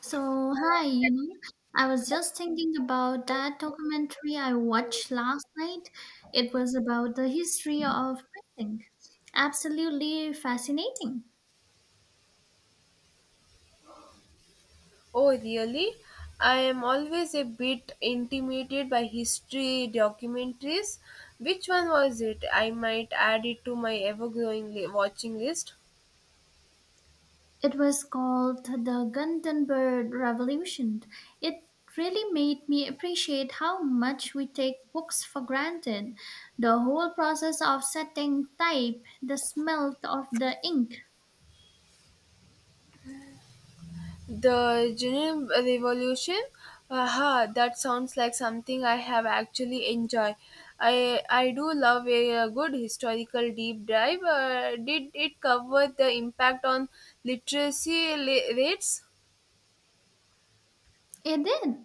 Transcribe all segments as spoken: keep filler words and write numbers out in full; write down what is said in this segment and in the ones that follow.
So, hi, you know, I was just thinking about that documentary I watched last night. It was about the history of printing. Absolutely fascinating. Oh, really? I am always a bit intimidated by history documentaries. Which one was it? I might add it to my ever growing li- watching list. It was called The Gutenberg Revolution. It really made me appreciate how much we take books for granted. The whole process of setting type, the smell of the ink. The Genuine Revolution? Aha, that sounds like something I have actually enjoyed. I, I do love a, uh, good historical deep dive. Uh, did it cover the impact on literacy li- rates? It did.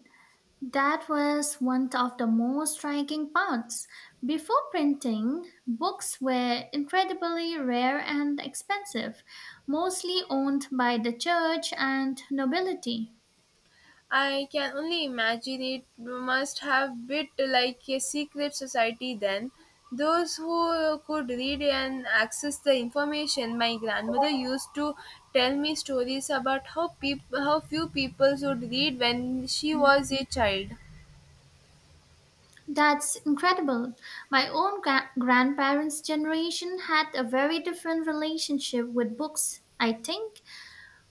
That was one of the most striking parts. Before printing, books were incredibly rare and expensive, mostly owned by the church and nobility. I can only imagine it must have bit like a secret society then. Those who could read and access the information. My grandmother used to tell me stories about how peop- how few people would read when she was a child. That's incredible. My own gra- grandparents' generation had a very different relationship with books, I think,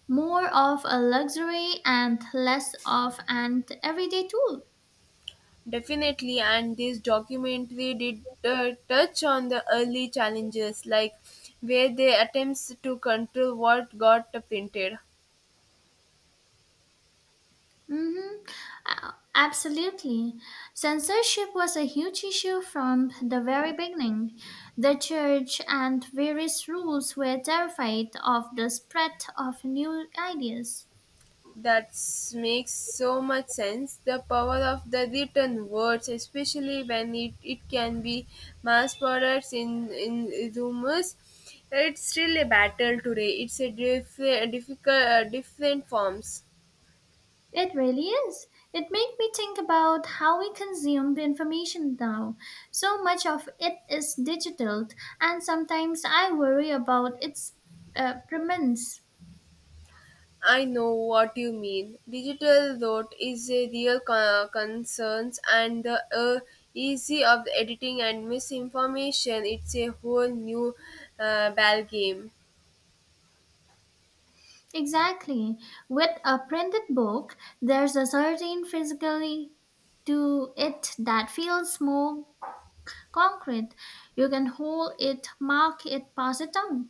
more of a luxury and less of an everyday tool. Definitely, and this documentary did uh, touch on the early challenges, like where they attempts to control what got printed. Mm-hmm. Uh, Absolutely. Censorship was a huge issue from the very beginning. The church and various rules were terrified of the spread of new ideas. That makes so much sense. The power of the written words, especially when it, it can be mass products in, in rumors, it's still a battle today. It's a diff- difficult, uh, different forms. It really is. It made me think about how we consume the information now. So much of it is digital, and sometimes I worry about its uh, permanence. I know what you mean. Digital note is a real co- concern, and the uh, easy of the editing and misinformation. It's a whole new uh, ball game, Exactly. With a printed book, there's a certain physically to it that feels more concrete. You can hold it, mark it, pass it on.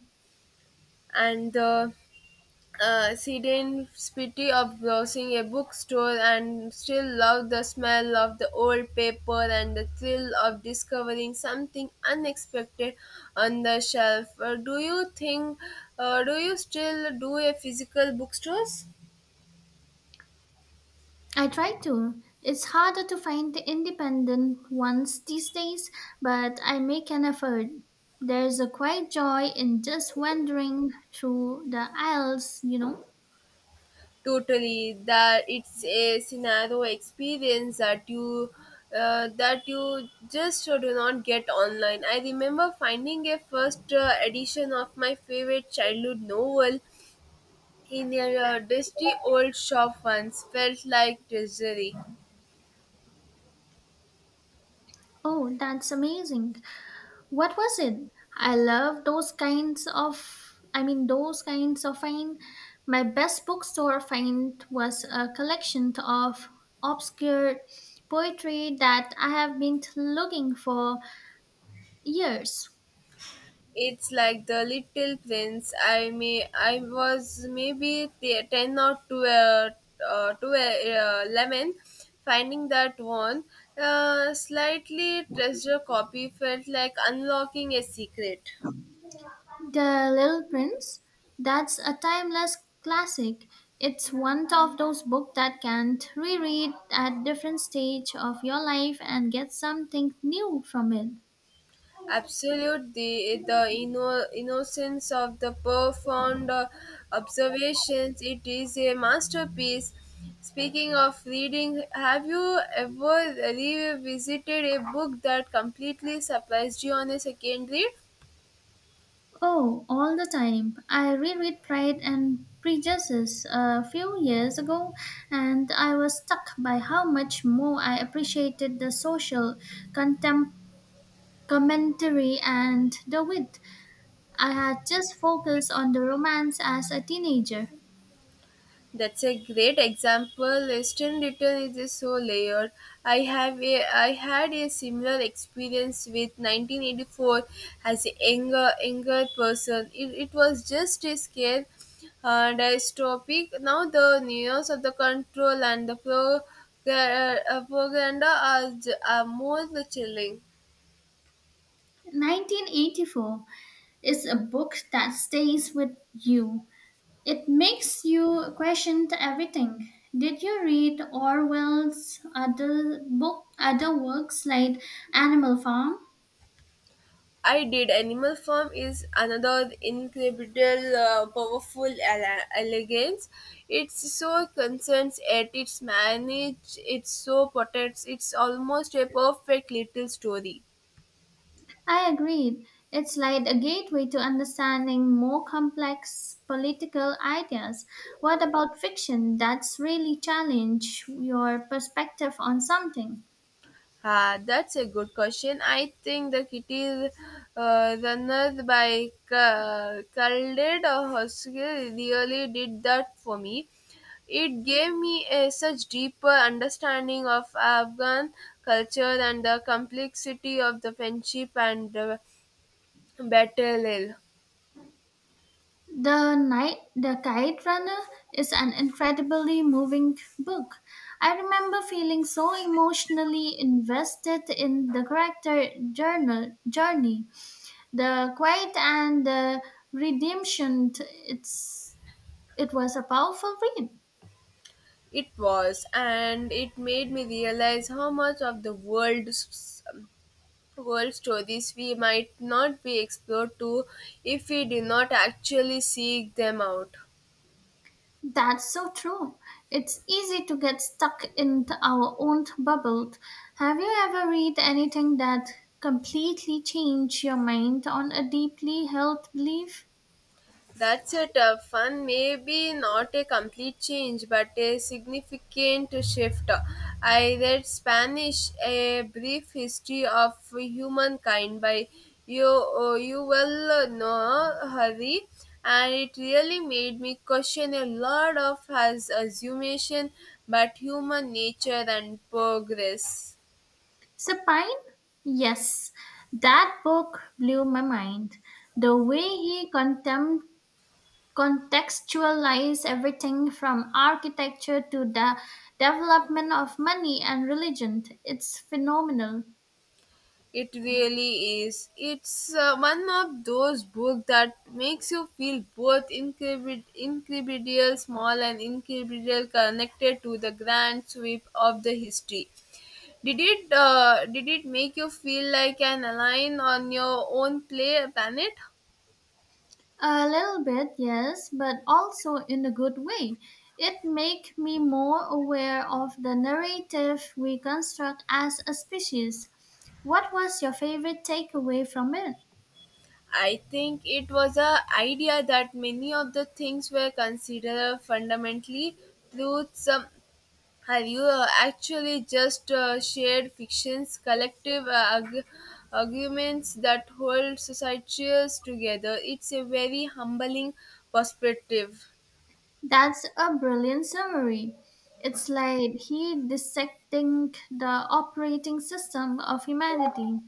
and the uh, she didn't pity of browsing a bookstore and still love the smell of the old paper and the thrill of discovering something unexpected on the shelf. Uh, do you think, uh, do you still do a physical bookstores? I try to. It's harder to find the independent ones these days, but I make an effort. There's a quiet joy in just wandering through the aisles, you know. Totally, that it's a scenario experience that you uh, that you just do not get online. I remember finding a first uh, edition of my favorite childhood novel in a uh, dusty old shop once felt like treasury. Oh, that's amazing. What was it? I love those kinds of i mean those kinds of find. My best bookstore find was a collection of obscure poetry that I have been looking for years. It's like the little prince. I may I was maybe te- ten or to uh, uh, to uh, eleven, finding that one uh, slightly treasure copy felt like unlocking a secret. The little prince, that's a timeless classic. It's one of those books that can reread at different stage of your life and get something new from it. Absolute the the inno- innocence of the profound uh, observations. It is a masterpiece. Speaking of reading, have you ever revisited a book that completely surprised you on a second read? Oh, all the time. I reread Pride and Prejudice a few years ago, and I was struck by how much more I appreciated the social contem- commentary and the wit. I had just focused on the romance as a teenager. That's a great example. Western return is just so layered. I have a, I had a similar experience with nineteen eighty-four as a younger younger person. It, it was just a scare and a topic. Now the news of the control and the pro, uh, uh, propaganda are, j- are more chilling. nineteen eighty-four is a book that stays with you. It makes you question everything. Did you read Orwell's other book, other works like Animal Farm? I did. Animal Farm is another incredible, uh, powerful ele- elegance. It's so concerns it, it's managed, it's so protects, it's almost a perfect little story. I agreed. It's like a gateway to understanding more complex political ideas. What about fiction that's really challenge your perspective on something? Ah, that's a good question. I think the kitty uh, runners by Ca- Khaled Hosseini really did that for me. It gave me a such deeper understanding of Afghan culture and the complexity of the friendship and the battle. The night, the Kite Runner is an incredibly moving book. I remember feeling so emotionally invested in the character journal, journey, the quiet and the redemption. t- It's it was a powerful read. It was, and it made me realize how much of the world world stories we might not be explored to if we do not actually seek them out. That's so true. It's easy to get stuck in th- our own bubble. Have you ever read anything that completely changed your mind on a deeply held belief? That's a tough one. Maybe not a complete change, but a significant shift. I read Spanish, A Brief History of Humankind by Yo- Yuval Noah Harari, and it really made me question a lot of his assumption about human nature and progress. Sapine? Yes, that book blew my mind. The way he contem- contextualized everything from architecture to the development of money and religion, it's phenomenal. It really is. It's uh, one of those books that makes you feel both incredi- incredible small and incredible connected to the grand sweep of the history. Did it uh, did it make you feel like an alien on your own play planet? A little bit, yes, but also in a good way. It make me more aware of the narrative we construct as a species. What was your favorite takeaway from it? I think it was a idea that many of the things were considered fundamentally truths um, Have you uh, actually just uh, shared fiction's collective uh, arg- arguments that hold societies together? It's a very humbling perspective. That's a brilliant summary. It's like he dissecting the operating system of humanity.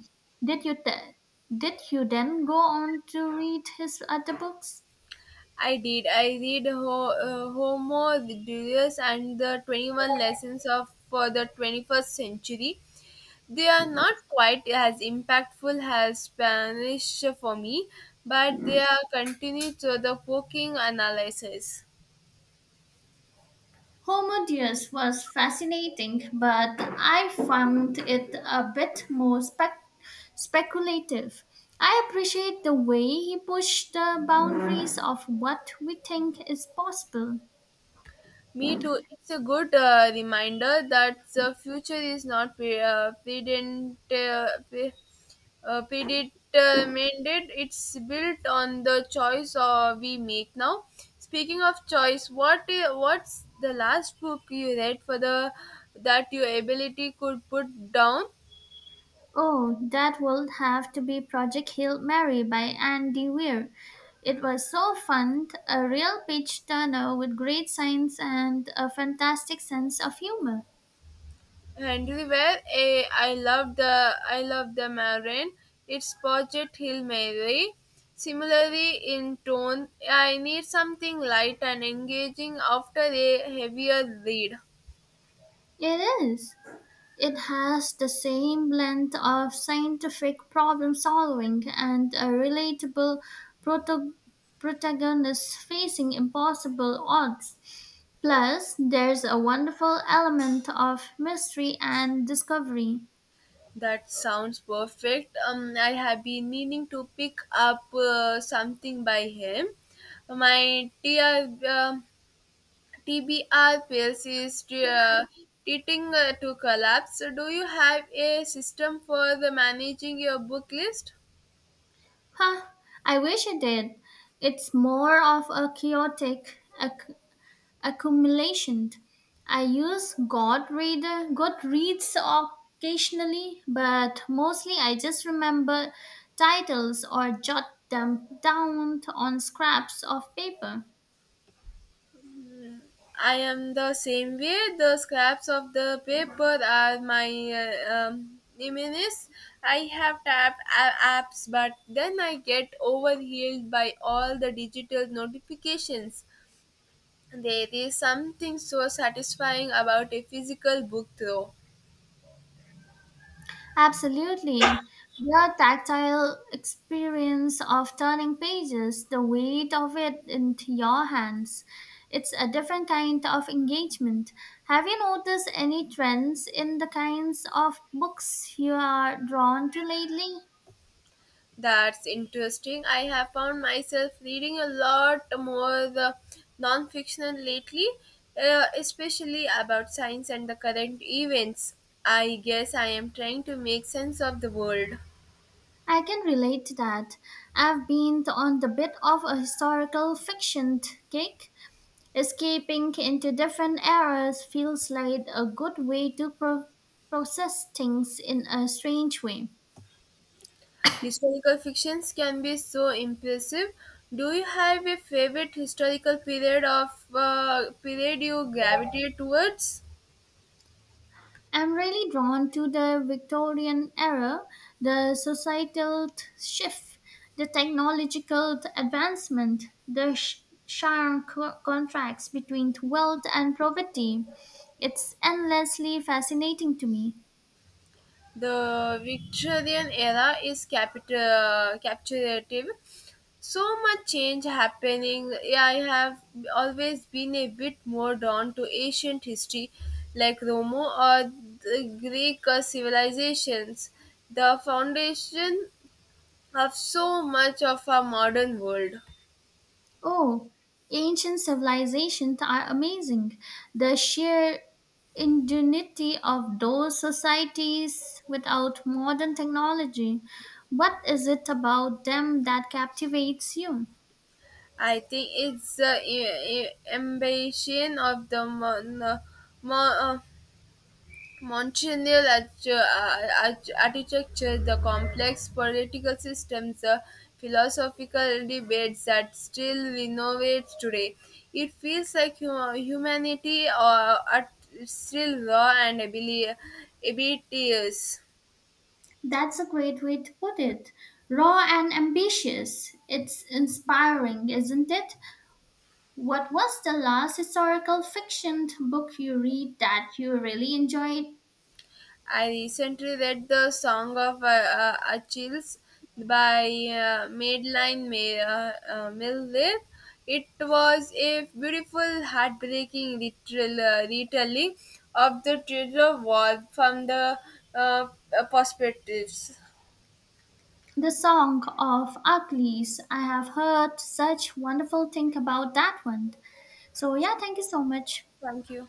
Did you th- did you then go on to read his other books? I did. I read Ho- uh, Homo Deus and the twenty-one Lessons of for the twenty-first Century. They are not quite as impactful as Spanish for me, but they are continued to the poking analysis. Homo Deus was fascinating, but I found it a bit more spec- speculative. I appreciate the way he pushed the boundaries of what we think is possible. Me too. It's a good uh, reminder that the future is not pre- uh, predent- uh, pre- uh, predetermined. It's built on the choice uh, we make now. Speaking of choice, what i- what's the last book you read for the that your ability could put down? Oh, that will have to be Project Hail Mary by Andy Weir. It was so fun, a real page turner with great science and a fantastic sense of humor. And we were a I love the I love the Marin. It's Project Hill Mary. Similarly in tone, I need something light and engaging after a heavier read. It is. It has the same blend of scientific problem solving and a relatable proto- protagonist facing impossible odds. Plus, there's a wonderful element of mystery and discovery. That sounds perfect. Um, I have been meaning to pick up uh, something by him. My T R, uh, T B R pills is uh, teething uh, to collapse. So do you have a system for the managing your book list? Huh, I wish I did. It's more of a chaotic acc- accumulation. I use Godreader, Goodreads occasionally, but mostly I just remember titles or jot them down on scraps of paper. I am the same way. The scraps of the paper are my uh, um, reminisce. I have tapped a- apps, but then I get overwhelmed by all the digital notifications. There is something so satisfying about a physical book, though. Absolutely. The tactile experience of turning pages, the weight of it into your hands, it's a different kind of engagement. Have you noticed any trends in the kinds of books you are drawn to lately? That's interesting. I have found myself reading a lot more the non-fiction lately, uh, especially about science and the current events. I guess I am trying to make sense of the world. I can relate to that. I've been on the bit of a historical fiction kick. Escaping into different eras feels like a good way to pro- process things in a strange way. Historical fictions can be so impressive. Do you have a favorite historical period of uh, period you gravitate towards? I'm really drawn to the Victorian era, the societal t- shift, the technological t- advancement, the sh- sharp co- contracts between wealth and poverty. It's endlessly fascinating to me. The Victorian era is capit- uh, captivative. So much change happening. Yeah, I have always been a bit more drawn to ancient history, like Rome or the Greek uh, civilizations, the foundation of so much of our modern world. Oh, ancient civilizations are amazing. The sheer ingenuity of those societies without modern technology. What is it about them that captivates you? I think it's the uh, uh, ambition of the mon- uh, mo- uh, Montreal arch- uh, arch- architecture, the complex political systems, the philosophical debates that still renovate today. It feels like hu- humanity uh, are still raw and abili- abilities. That's a great way to put it. Raw and ambitious. It's inspiring, isn't it? What was the last historical fiction book you read that you really enjoyed? I recently read the Song of uh, uh, Achilles by uh, Madeline May, uh, uh, Miller. It was a beautiful, heartbreaking literal, uh, retelling of the Trojan War from the uh, uh, perspectives. The Song of Achilles. I have heard such wonderful thing about that one. So yeah, thank you so much. Thank you.